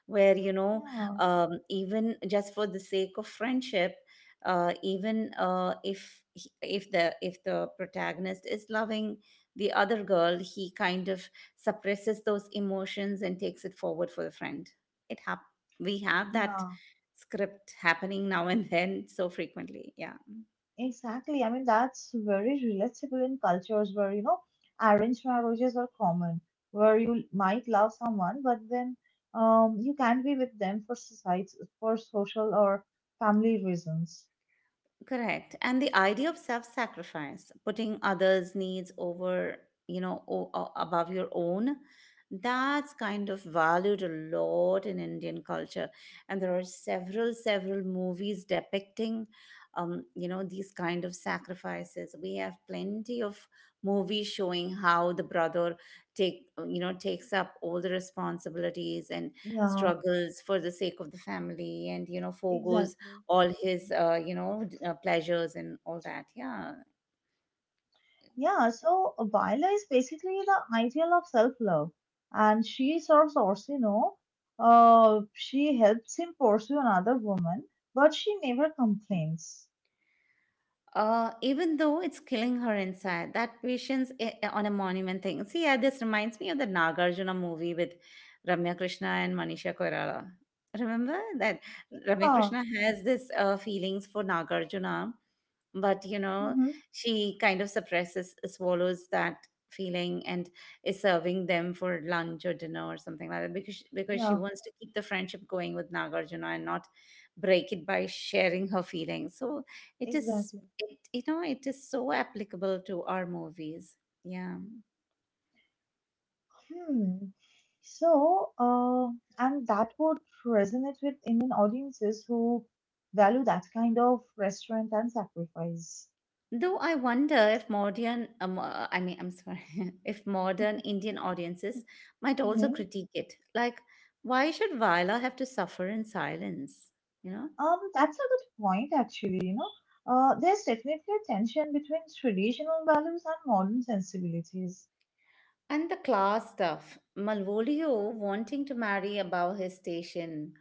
A: where, you know,
B: yeah.
A: even just for the sake of friendship, even if if the protagonist is loving the other girl, he kind of suppresses those emotions and takes it forward for the friend. It hap- we have that
B: Yeah,
A: script happening now and then so frequently. Yeah.
B: exactly. I mean, that's very relatable in cultures where, you know, arranged marriages are common, where you might love someone, but then you can't be with them for society, for social or family reasons.
A: Correct. And the idea of self-sacrifice, putting others' needs over, you know, above your own, that's kind of valued a lot in Indian culture. And there are several, several movies depicting, you know, these kind of sacrifices. We have plenty of movies showing how the brother you know, takes up all the responsibilities and
B: Yeah,
A: struggles for the sake of the family, and you know, forgoes
B: exactly.
A: all his you know pleasures and all that, yeah.
B: Yeah, so Baila is basically the ideal of self-love, and she serves Orsino. She helps him pursue another woman, but she never complains.
A: Even though it's killing her inside, that patience on a monument thing. See, yeah, this reminds me of the Nagarjuna movie with Ramya Krishna and Manisha Koirala. Remember that? Ramya
B: Yeah.
A: Krishna has this feelings for Nagarjuna, but you know
B: Mm-hmm.
A: she kind of suppresses, swallows that feeling, and is serving them for lunch or dinner or something like that because she
B: Yeah.
A: wants to keep the friendship going with Nagarjuna and not break it by sharing her feelings. So it is,
B: Exactly.
A: it, you know, it is so applicable to our movies, yeah.
B: Hmm. So, and that would resonate with Indian audiences who value that kind of restaurant and sacrifice.
A: Though I wonder if modern I mean I'm sorry if modern Indian audiences might also
B: Hmm.
A: critique it, like why should Viola have to suffer in silence, you know?
B: That's a good point, actually. You know, there's definitely a tension between traditional values and modern sensibilities.
A: And the class stuff, Malvolio wanting to marry above his station,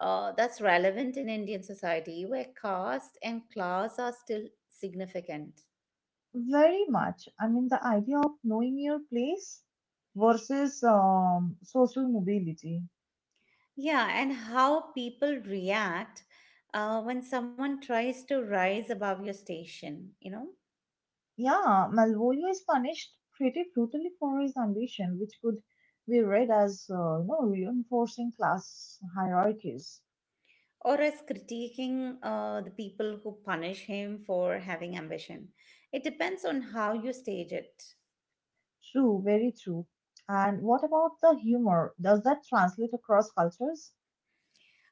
A: that's relevant in Indian society where caste and class are still significant.
B: Very much. I mean, the idea of knowing your place versus social mobility.
A: Yeah, and how people react when someone tries to rise above your station, you know,
B: Yeah, Malvolio is punished pretty brutally for his ambition, which could be read as, you know, reinforcing class hierarchies.
A: or as critiquing the people who punish him for having ambition. It depends on how you stage it.
B: True, very true. And what about the humor? Does that translate across cultures?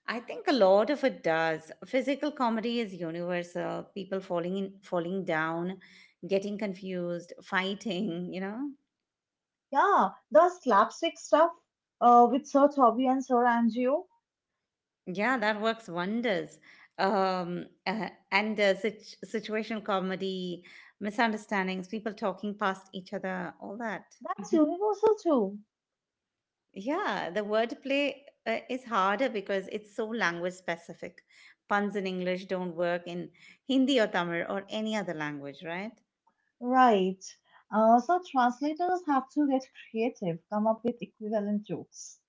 A: I think a lot of it does. Physical comedy is universal. People falling in, falling down, getting confused, fighting, you know.
B: Yeah, the slapstick stuff with Sir Toby and Sir Angio,
A: Yeah, that works wonders. Situation comedy, misunderstandings, people talking past each other, all that.
B: that's universal too.
A: Yeah, the wordplay is harder because it's so language specific. Puns in English don't work in Hindi or Tamil or any other language, right?
B: Right. So translators have to get creative, come up with equivalent jokes.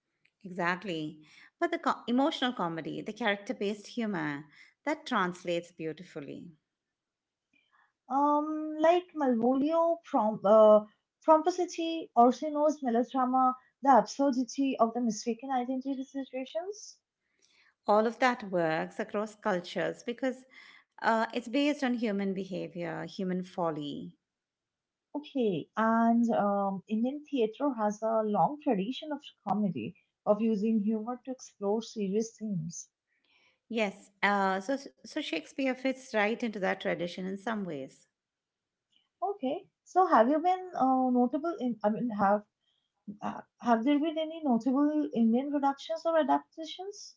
A: Exactly. But the emotional comedy, the character based humor, that translates beautifully.
B: Like Malvolio, from Pomposity, Orsino's melodrama, the absurdity of the mistaken identity situations.
A: All of that works across cultures because it's based on human behavior, human folly.
B: Okay, and Indian theatre has a long tradition of comedy, of using humor to explore serious themes.
A: Yes, so so Shakespeare fits right into that tradition in some ways.
B: Okay, so have you been notable in, I mean, have there been any notable Indian productions or adaptations?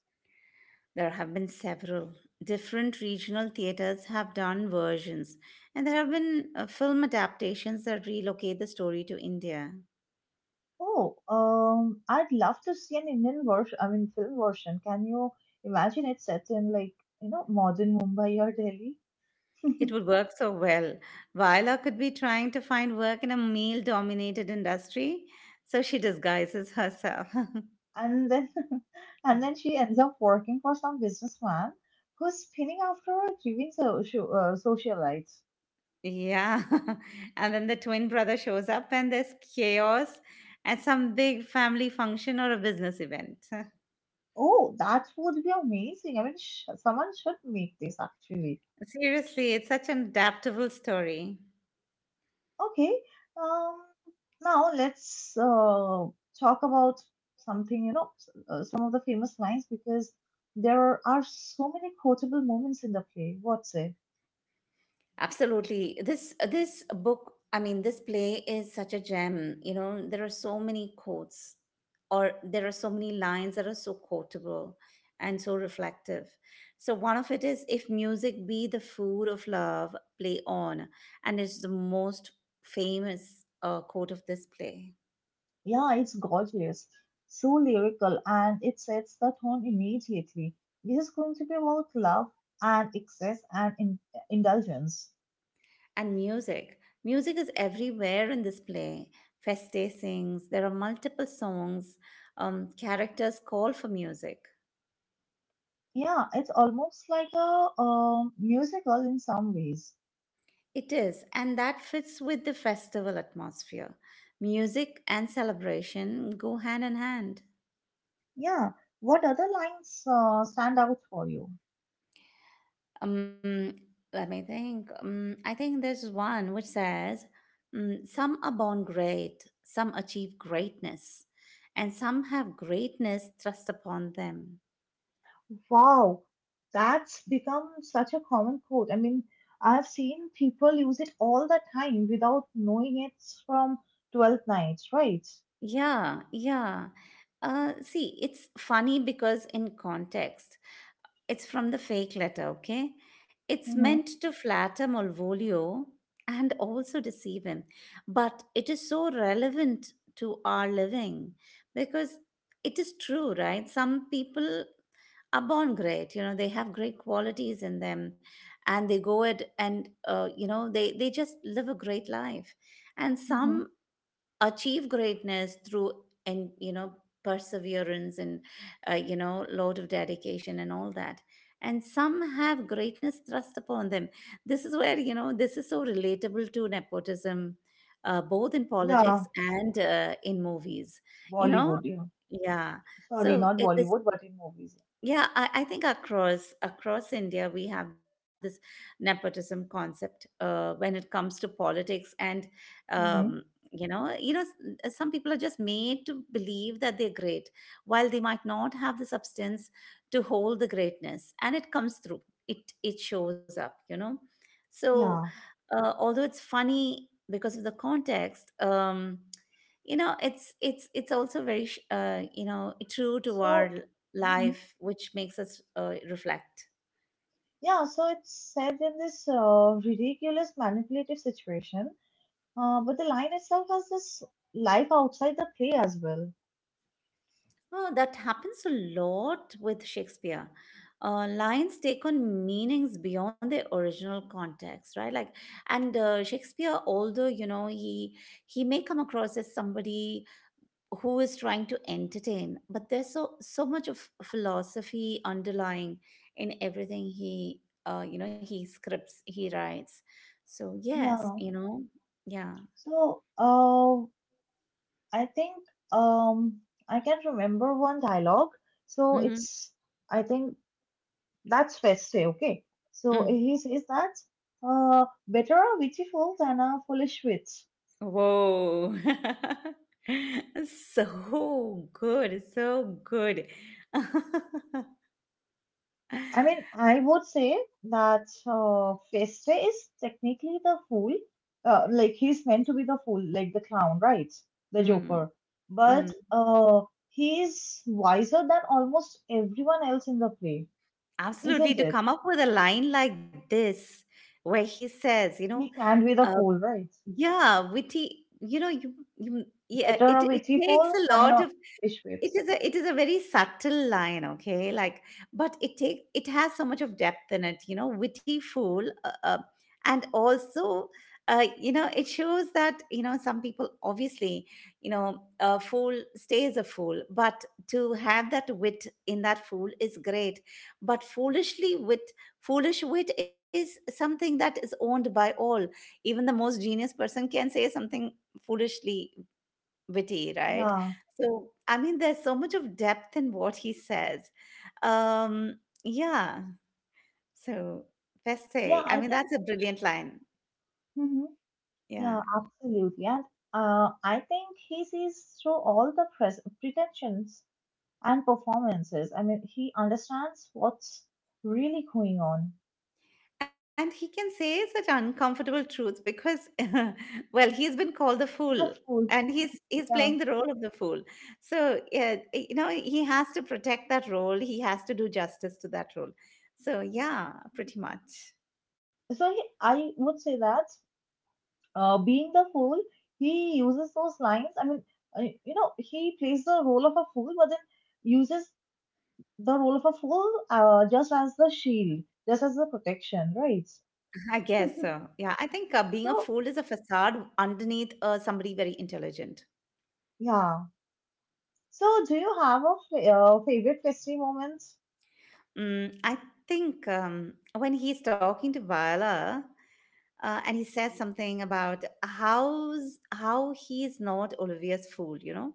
A: There have been several. Different regional theaters have done versions, and there have been film adaptations that relocate the story to India.
B: Oh, I'd love to see an Indian version, I mean, film version. Can you imagine it set in like, you know, modern Mumbai or Delhi?
A: It would work so well. Viola could be trying to find work in a male dominated industry, so she disguises herself.
B: And then, and then she ends up working for some businessman who's spinning after a grieving socialite.
A: Yeah. And then the twin brother shows up and there's chaos at some big family function or a business event.
B: Oh, that would be amazing. I mean, sh someone should make this actually.
A: Seriously, it's such an adaptable story.
B: Okay. Um, now let's talk about something, you know, some of the famous lines, because there are so many quotable moments in the play. What say?
A: Absolutely. This book, I mean, this play is such a gem. You know, there are so many quotes, or there are so many lines that are so quotable and so reflective. So one of it is, "If music be the food of love, play on," and it's the most famous quote of this play.
B: Yeah, it's gorgeous, so lyrical, and it sets the tone immediately. This is going to be about love and excess and indulgence.
A: And music, music is everywhere in this play. Feste sings. There are multiple songs. Characters call for music.
B: Yeah, it's almost like a musical in some ways.
A: It is, and that fits with the festival atmosphere. Music and celebration go hand in hand.
B: Yeah. What other lines stand out for you?
A: Um, Let me think. I think there's one which says, "Some are born great, some achieve greatness, and some have greatness thrust upon them."
B: Wow, that's become such a common quote. I mean, I've seen people use it all the time without knowing it's from 12th Nights, right?
A: Yeah, yeah. See, it's funny because in context, it's from the fake letter, okay? It's
B: Mm-hmm.
A: meant to flatter Malvolio and also deceive him. But it is so relevant to our living because it is true, right? Some people are born great, you know, they have great qualities in them and they go it and you know they just live a great life, and
B: Mm-hmm.
A: some achieve greatness through, and you know, perseverance and, you know, lot of dedication and all that, and some have greatness thrust upon them. This is where, you know, this is so relatable to nepotism, both in
B: Yeah,
A: politics and in movies, you know.
B: Bollywood, yeah.
A: Yeah,
B: Sorry,
A: so
B: not
A: this,
B: Bollywood, but in movies.
A: yeah, I think across india we have this nepotism concept when it comes to politics and, um,
B: Mm-hmm.
A: you know, you know, some people are just made to believe that they're great while they might not have the substance to hold the greatness, and it comes through, it shows up, you know. So
B: Yeah.
A: although it's funny because of the context, you know, it's also very you know, true to our
B: So, mhm.
A: life, which makes us reflect.
B: Yeah, so it's said in this ridiculous manipulative situation, but the line itself has this life outside the play as well.
A: Oh, that happens a lot with Shakespeare. Lines take on meanings beyond their original context, right? Like, and Shakespeare, although you know he may come across as somebody who is trying to entertain, but there's so much of philosophy underlying in everything he you know he writes. So yes,
B: Yeah.
A: you know, yeah.
B: So, uh, I think um I can remember one dialogue. So
A: Mm-hmm.
B: it's I think that's Feste, okay. So
A: Mm.
B: he says that better a witty fool than a foolish witch.
A: Whoa. So good, so good.
B: I mean I would say that Feste is technically the fool. Like he's meant to be the fool, like the clown, right? The
A: Hmm,
B: Joker. But
A: mm.
B: he's wiser than almost everyone else in the play,
A: Absolutely.
B: isn't
A: To
B: it?
A: come up with a line like this, where he says, you know,
B: He can be the
A: uh,
B: fool, right?
A: yeah, witty, you know, yeah,
B: Better a
A: it
B: veggie
A: takes
B: bowl
A: a
B: and
A: lot
B: a
A: of,
B: fish whips.
A: it is a very subtle line, okay, like, but it has so much of depth in it, you know, witty fool, and also, you know, it shows that, you know, some people obviously, you know, a fool stays a fool, but to have that wit in that fool is great. But foolishly wit, foolish wit is something that is owned by all. Even the most genius person can say something foolishly witty, right?
B: Yeah,
A: So, I mean, there's so much of depth in what he says. Um, yeah. So,
B: yeah,
A: Feste, I
B: I
A: mean,
B: think,
A: that's a brilliant line.
B: hmm, yeah,
A: Yeah.
B: absolutely. And I think he sees through all the pretensions and performances. I mean, he understands what's really going on.
A: And he can say such uncomfortable truths because, well, he's been called the
B: He's a
A: fool
B: fool.
A: and he's
B: Yeah.
A: playing the role of the fool. So yeah, you know, he has to protect that role, he has to do justice to that role. So yeah, pretty much.
B: So I would say that being the fool, he uses those lines. I mean, he plays the role of a fool, but then uses the role of a fool just as the shield, just as the protection, right?
A: I guess so. Yeah, I think being a fool
B: So,
A: is a facade underneath somebody very intelligent.
B: yeah. So, do you have a favorite festive moment?
A: Mm, I think when he's talking to Viola and he says something about how's, how he's not Olivia's fool, you know,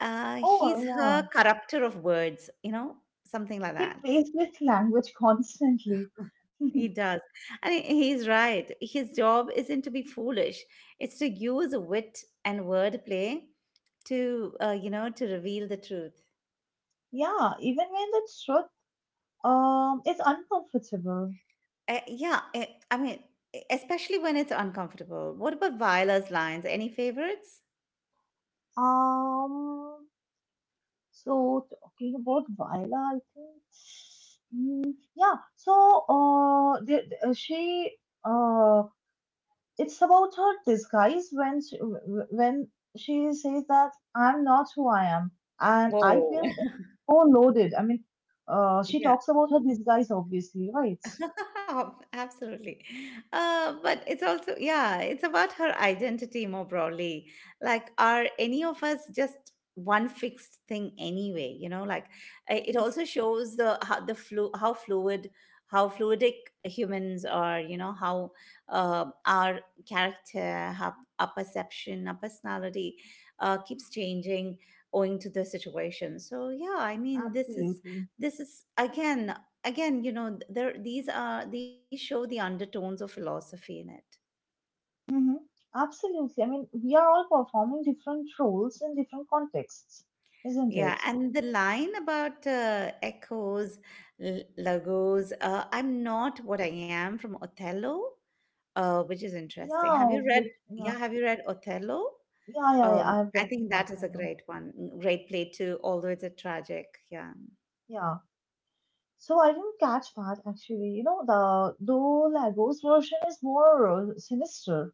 B: Oh,
A: he's her
B: yeah.
A: corrupter of words, you know, something like
B: He
A: that.
B: plays with language constantly.
A: He does. And he's right. His job isn't to be foolish, it's to use wit and wordplay to, you know, to reveal the truth.
B: Yeah, even when the truth is uncomfortable.
A: Yeah, I mean, e especially when it's uncomfortable. What about Viola's lines? Any favorites?
B: Um, Talking about Viola, I think. Yeah, so did, she. Uh, it's about her disguise when she says that I'm not who I am, and I
A: Whoa.
B: feel it's so loaded. I mean, she
A: Yeah.
B: talks about her disguise, obviously, right?
A: Absolutely. But it's also, yeah, it's about her identity more broadly. Like, are any of us just one fixed thing anyway? You know, like, it also shows the how fluid, how fluidic humans are. You know how our character, how our perception, our personality keeps changing owing to the situation. So yeah, I mean,
B: Absolutely.
A: this is again, again, you know, there these are, these show the undertones of philosophy in it.
B: Hmm. Absolutely. I mean, we are all performing different roles in different contexts, isn't
A: Yeah,
B: it?
A: and the line about echoes logos, I'm not what I am, from Othello, which is interesting. Have you
B: Yeah,
A: read,
B: with yeah,
A: yeah, have you read Othello?
B: yeah, yeah. Yeah, I've
A: I
B: read
A: think that is a
B: Othello.
A: great one, great play too, although it's a tragic, yeah.
B: Yeah. So I didn't catch that actually. You know, the though Lagos version is more sinister.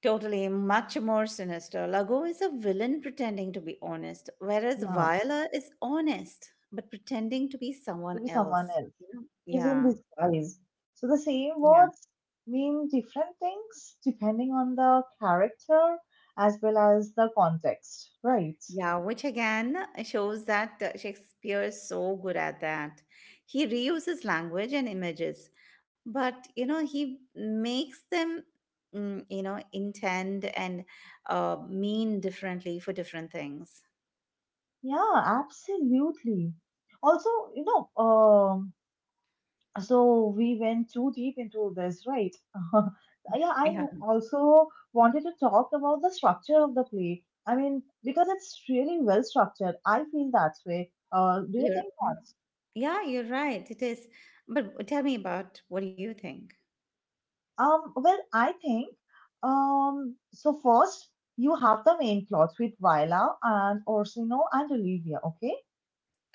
A: Totally, much more sinister. Lago is a villain pretending to be honest, whereas
B: Yeah.
A: Viola is honest but pretending to be someone
B: To be someone
A: else,
B: else
A: you know?
B: is in
A: Yeah,
B: disguise. So the same
A: yeah,
B: words mean different things depending on the character as well as the context, right?
A: yeah, which again shows that Shakespeare is so good at that. He reuses language and images, but you know, he makes them, mm, you know, intend and mean differently for different things.
B: Yeah, absolutely. Also, you know, so we went too deep into this, right? Yeah, I
A: Yeah,
B: also wanted to talk about the structure of the play. I mean, because it's really well structured. I feel that way. Do you
A: you're
B: think?
A: Yeah, you're right. It is. But tell me about, what do you think?
B: Well, I think so. First, you have the main plots with Viola and Orsino and Olivia, okay?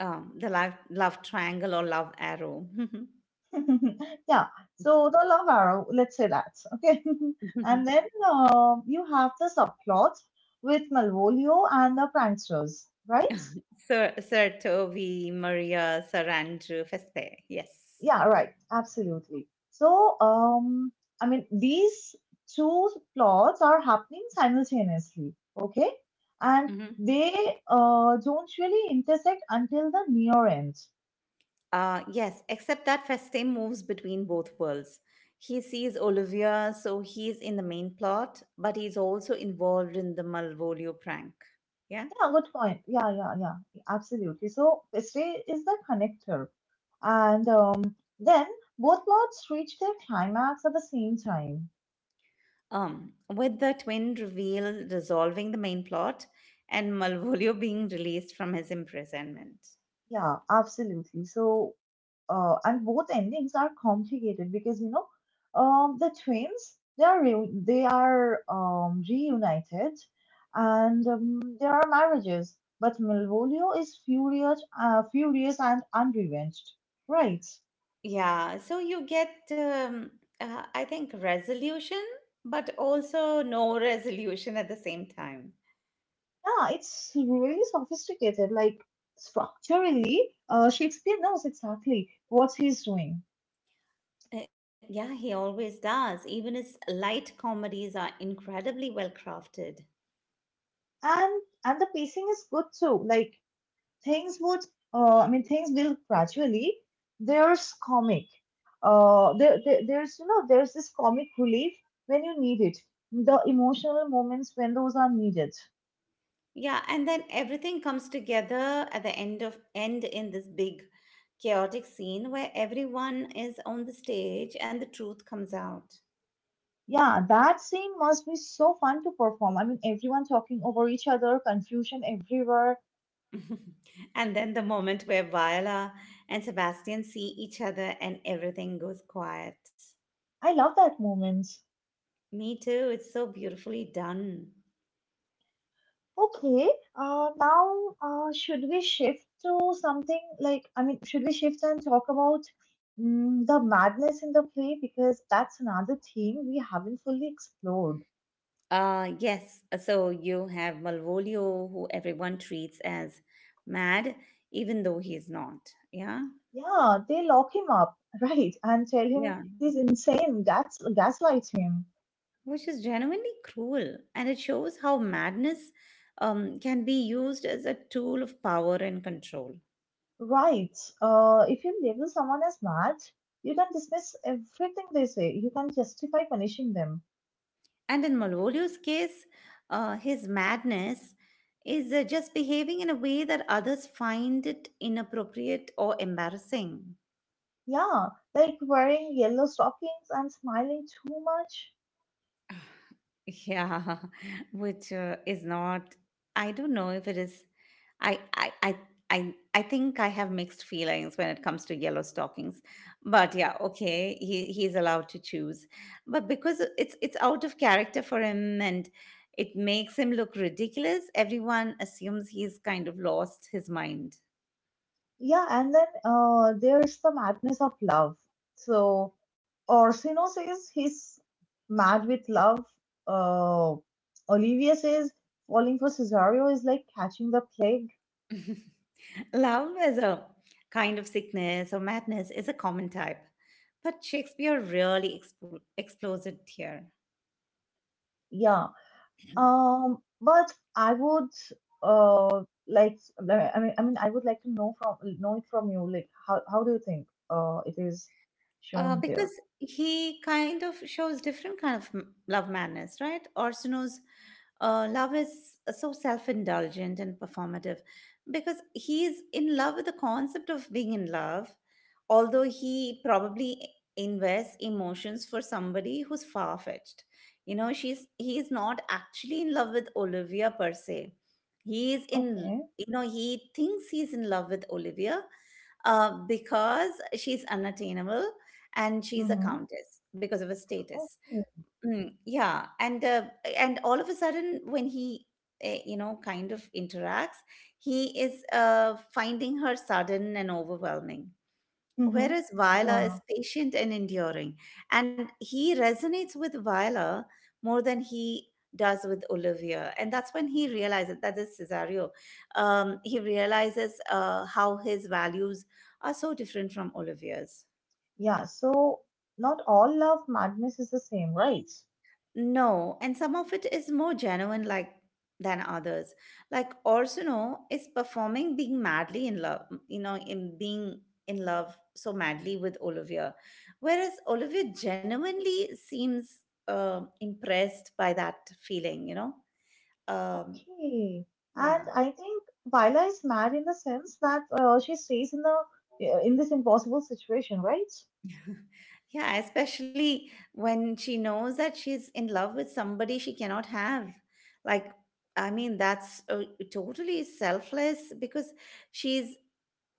A: The love, love triangle or love arrow.
B: Yeah, so the love arrow, let's say that, okay? And then you have the subplots with Malvolio and the pranksters, right?
A: Sir, Sir Toby, Maria, Sir Andrew, Feste. Yes.
B: Yeah, right. Absolutely. I mean, these two plots are happening simultaneously, okay? And
A: Mhm.
B: they don't really intersect until the near end.
A: Yes, except that Feste moves between both worlds. He sees Olivia, so he's in the main plot, but he's also involved in the Malvolio prank. Yeah.
B: Yeah, good point. Yeah, yeah, yeah. Absolutely. So, Feste is the connector. And then both plots reach their climax at the same time.
A: With the twin reveal resolving the main plot and Malvolio being released from his imprisonment.
B: Yeah, absolutely. And both endings are complicated because you know the twins they are they are reunited and there are marriages but Malvolio is furious furious and unrevenged, right?
A: Yeah, so you get, I think, resolution, but also no resolution at the same time.
B: Yeah, it's really sophisticated like structurally, Shakespeare knows exactly what he's doing.
A: Yeah, he always does. Even his light comedies are incredibly well crafted.
B: And the pacing is good too, like things would, things will gradually, there's comic, there's you know there's this comic relief when you need it, the emotional moments when those are needed.
A: Yeah, and then everything comes together at the end in this big chaotic scene where everyone is on the stage and the truth comes out.
B: Yeah, that scene must be so fun to perform. I mean, everyone talking over each other, confusion everywhere.
A: And then the moment where Viola and Sebastian see each other, and everything goes quiet.
B: I love that moment.
A: Me too, it's so beautifully done.
B: Okay, now should we shift to something like, I mean, should we shift and talk about, the madness in the play? Because that's another theme we haven't fully explored.
A: Yes, so you have Malvolio who everyone treats as mad even though he's not. Yeah?
B: Yeah, they lock him up, right, and tell him
A: Yeah,
B: he's insane, gaslight him.
A: which is genuinely cruel, and it shows how madness can be used as a tool of power and control.
B: Right, if you label someone as mad, you can dismiss everything they say, you can justify punishing them.
A: And in Malvolio's case, his madness is just behaving in a way that others find it inappropriate or embarrassing.
B: Yeah, like wearing yellow stockings and smiling too much.
A: Yeah, which is not, I don't know if it is, I, I, I, I think I have mixed feelings when it comes to yellow stockings, but yeah, okay, he's allowed to choose, but because it's out of character for him and it makes him look ridiculous, everyone assumes he's kind of lost his mind.
B: Yeah, and then there's the madness of love. So Orsino says he's mad with love. Uh, Olivia says falling for Cesario is like catching the plague.
A: Love as a kind of sickness or madness is a common type, but Shakespeare really explores it here.
B: Yeah. But I would I would like to know from know it from you. Like how do you think it is shown
A: Because
B: there?
A: he kind of shows different kind of love madness, right? Orsino's love is so self-indulgent and performative because he's in love with the concept of being in love, although he probably invests emotions for somebody who's far-fetched. You know, she's he is not actually in love with Olivia per se. He is in,
B: Okay.
A: you know, he thinks he's in love with Olivia, because she's unattainable, and she's a
B: Mm-hmm.
A: countess because of her status.
B: Okay.
A: Mm, yeah, and all of a sudden, when he you know, kind of interacts, he is finding her sudden and overwhelming.
B: Mm-hmm.
A: Whereas Viola
B: Yeah.
A: is patient and enduring, and he resonates with Viola more than he does with Olivia, and that's when he realizes that is Cesario. He realizes how his values are so different from Olivia's.
B: Yeah, so not all love madness is the same, right?
A: No, and some of it is more genuine like than others. Like Orsono is performing being madly in love, you know, in being in love so madly with Olivia. Whereas Olivia genuinely seems impressed by that feeling, you know. Um
B: Okay. And
A: yeah.
B: I think Viola is mad in the sense that she stays in the in this impossible situation, right?
A: Yeah, especially when she knows that she's in love with somebody she cannot have. Like, I mean that's totally selfless because she's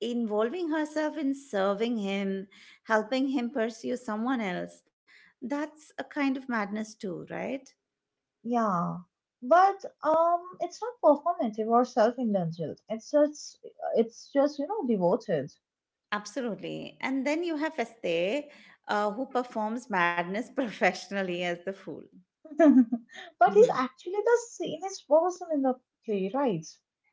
A: involving herself in serving him, helping him pursue someone else. That's a kind of madness, too, right?
B: Yeah. But it's not performative or self-indulgent. It's just you know, devoted.
A: Absolutely. And then you have Este, who performs madness professionally as the fool.
B: But he's
A: Mhm.
B: actually the sanest person in the play, right?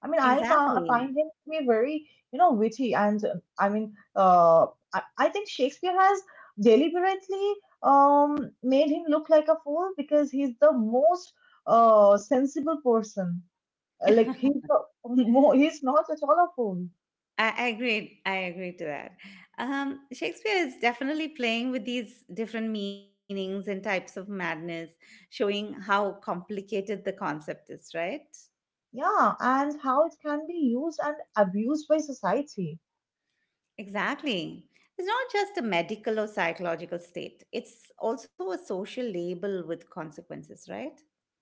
B: I mean, I find
A: Exactly.
B: him to be very, you know, witty, and I think Shakespeare has deliberately um made him look like a fool because he's the most sensible person. Like he's the, he's not at all a fool.
A: I agree. I agree to that. Shakespeare is definitely playing with these different meanings and types of madness, showing how complicated the concept is, right?
B: Yeah, and how it can be used and abused by society.
A: Exactly. It's not just a medical or psychological state, it's also a social label with consequences, right?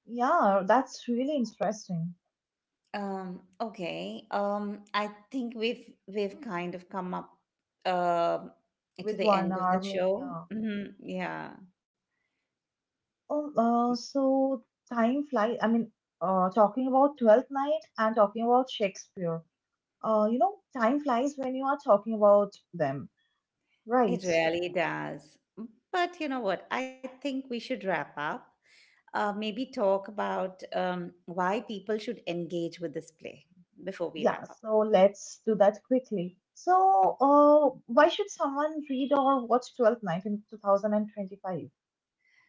B: Yeah, that's really interesting
A: Okay. I think we've kind of come up um to
B: with
A: the
B: one
A: end of the
B: arm.
A: show.
B: Yeah.
A: Mhm, yeah,
B: So time flies. I mean, talking about Twelfth Night and talking about Shakespeare. You know, time flies when you are talking about them,
A: it
B: right?
A: really does. But you know what? I think we should wrap up. Maybe talk about why people should engage with this play before we wrap
B: Yeah.
A: up.
B: So let's do that quickly. So, why should someone read or watch Twelfth Night in 2025?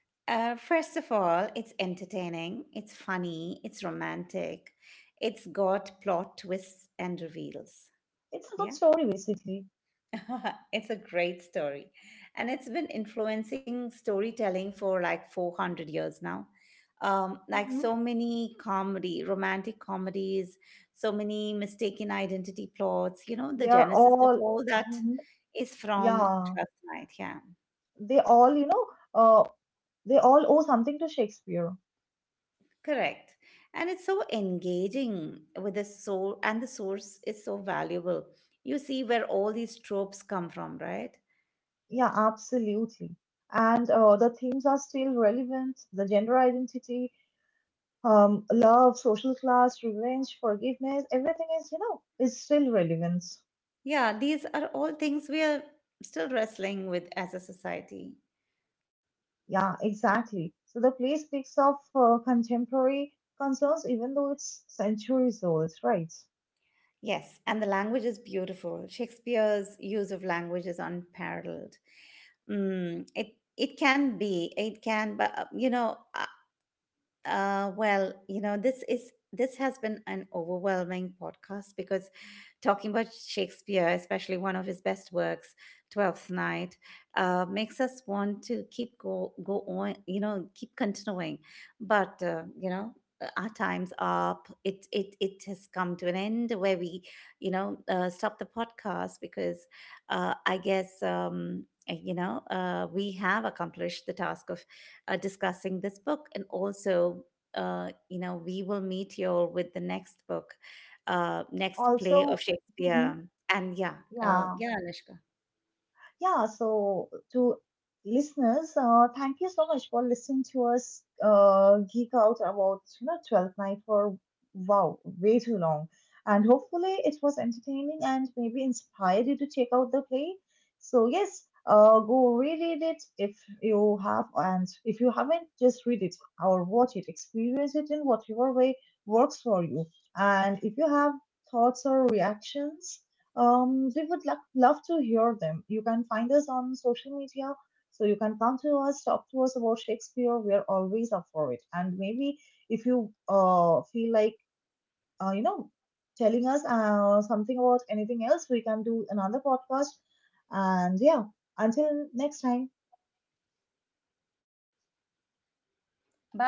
A: First of all, it's entertaining, it's funny, it's romantic, it's got plot twists and reveals.
B: It's a good
A: Yeah,
B: story, basically.
A: it's a great story. And it's been influencing storytelling for like 400 years now. Like
B: Hmm.
A: so many comedy, romantic comedies, so many mistaken identity plots, you know, the
B: They are
A: genesis of
B: all,
A: all that
B: hmm,
A: is from
B: yeah,
A: Twelfth Night. Yeah.
B: they all, you know, uh, they all owe something to Shakespeare.
A: Correct. And it's so engaging with the source, and the source is so valuable. You see where all these tropes come from, right?
B: Yeah, absolutely. And the themes are still relevant. The gender identity, love, social class, revenge, forgiveness, everything is, you know, is still relevant.
A: Yeah, these are all things we are still wrestling with as a society.
B: Yeah, exactly. So the play speaks of contemporary concerns, even though it's centuries old, right?
A: Yes, and the language is beautiful. Shakespeare's use of language is unparalleled. Mm, it can be, it can, but you know, well, you know, this has been an overwhelming podcast because talking about Shakespeare, especially one of his best works, Twelfth Night, makes us want to keep go on, you know, keep continuing. But you know, our time's up. It has come to an end where we, you know, stop the podcast because I guess. You know, we have accomplished the task of discussing this book, and also, you know, we will meet you all with the next book, next play of
B: Also, mhm,
A: Shakespeare. And yeah,
B: yeah,
A: yeah, Anushka.
B: yeah, so to listeners, thank you so much for listening to us geek out about you know Twelfth Night for wow way too long, and hopefully it was entertaining and maybe inspired you to check out the play. So yes, go reread it if you have, and if you haven't, just read it or watch it, experience it in whatever way works for you. And if you have thoughts or reactions, we would love to hear them. You can find us on social media, so you can come to us, talk to us about Shakespeare. We are always up for it. And maybe if you feel like, uh, you know, telling us something about anything else, we can do another podcast. And yeah, until next time.
A: Bye.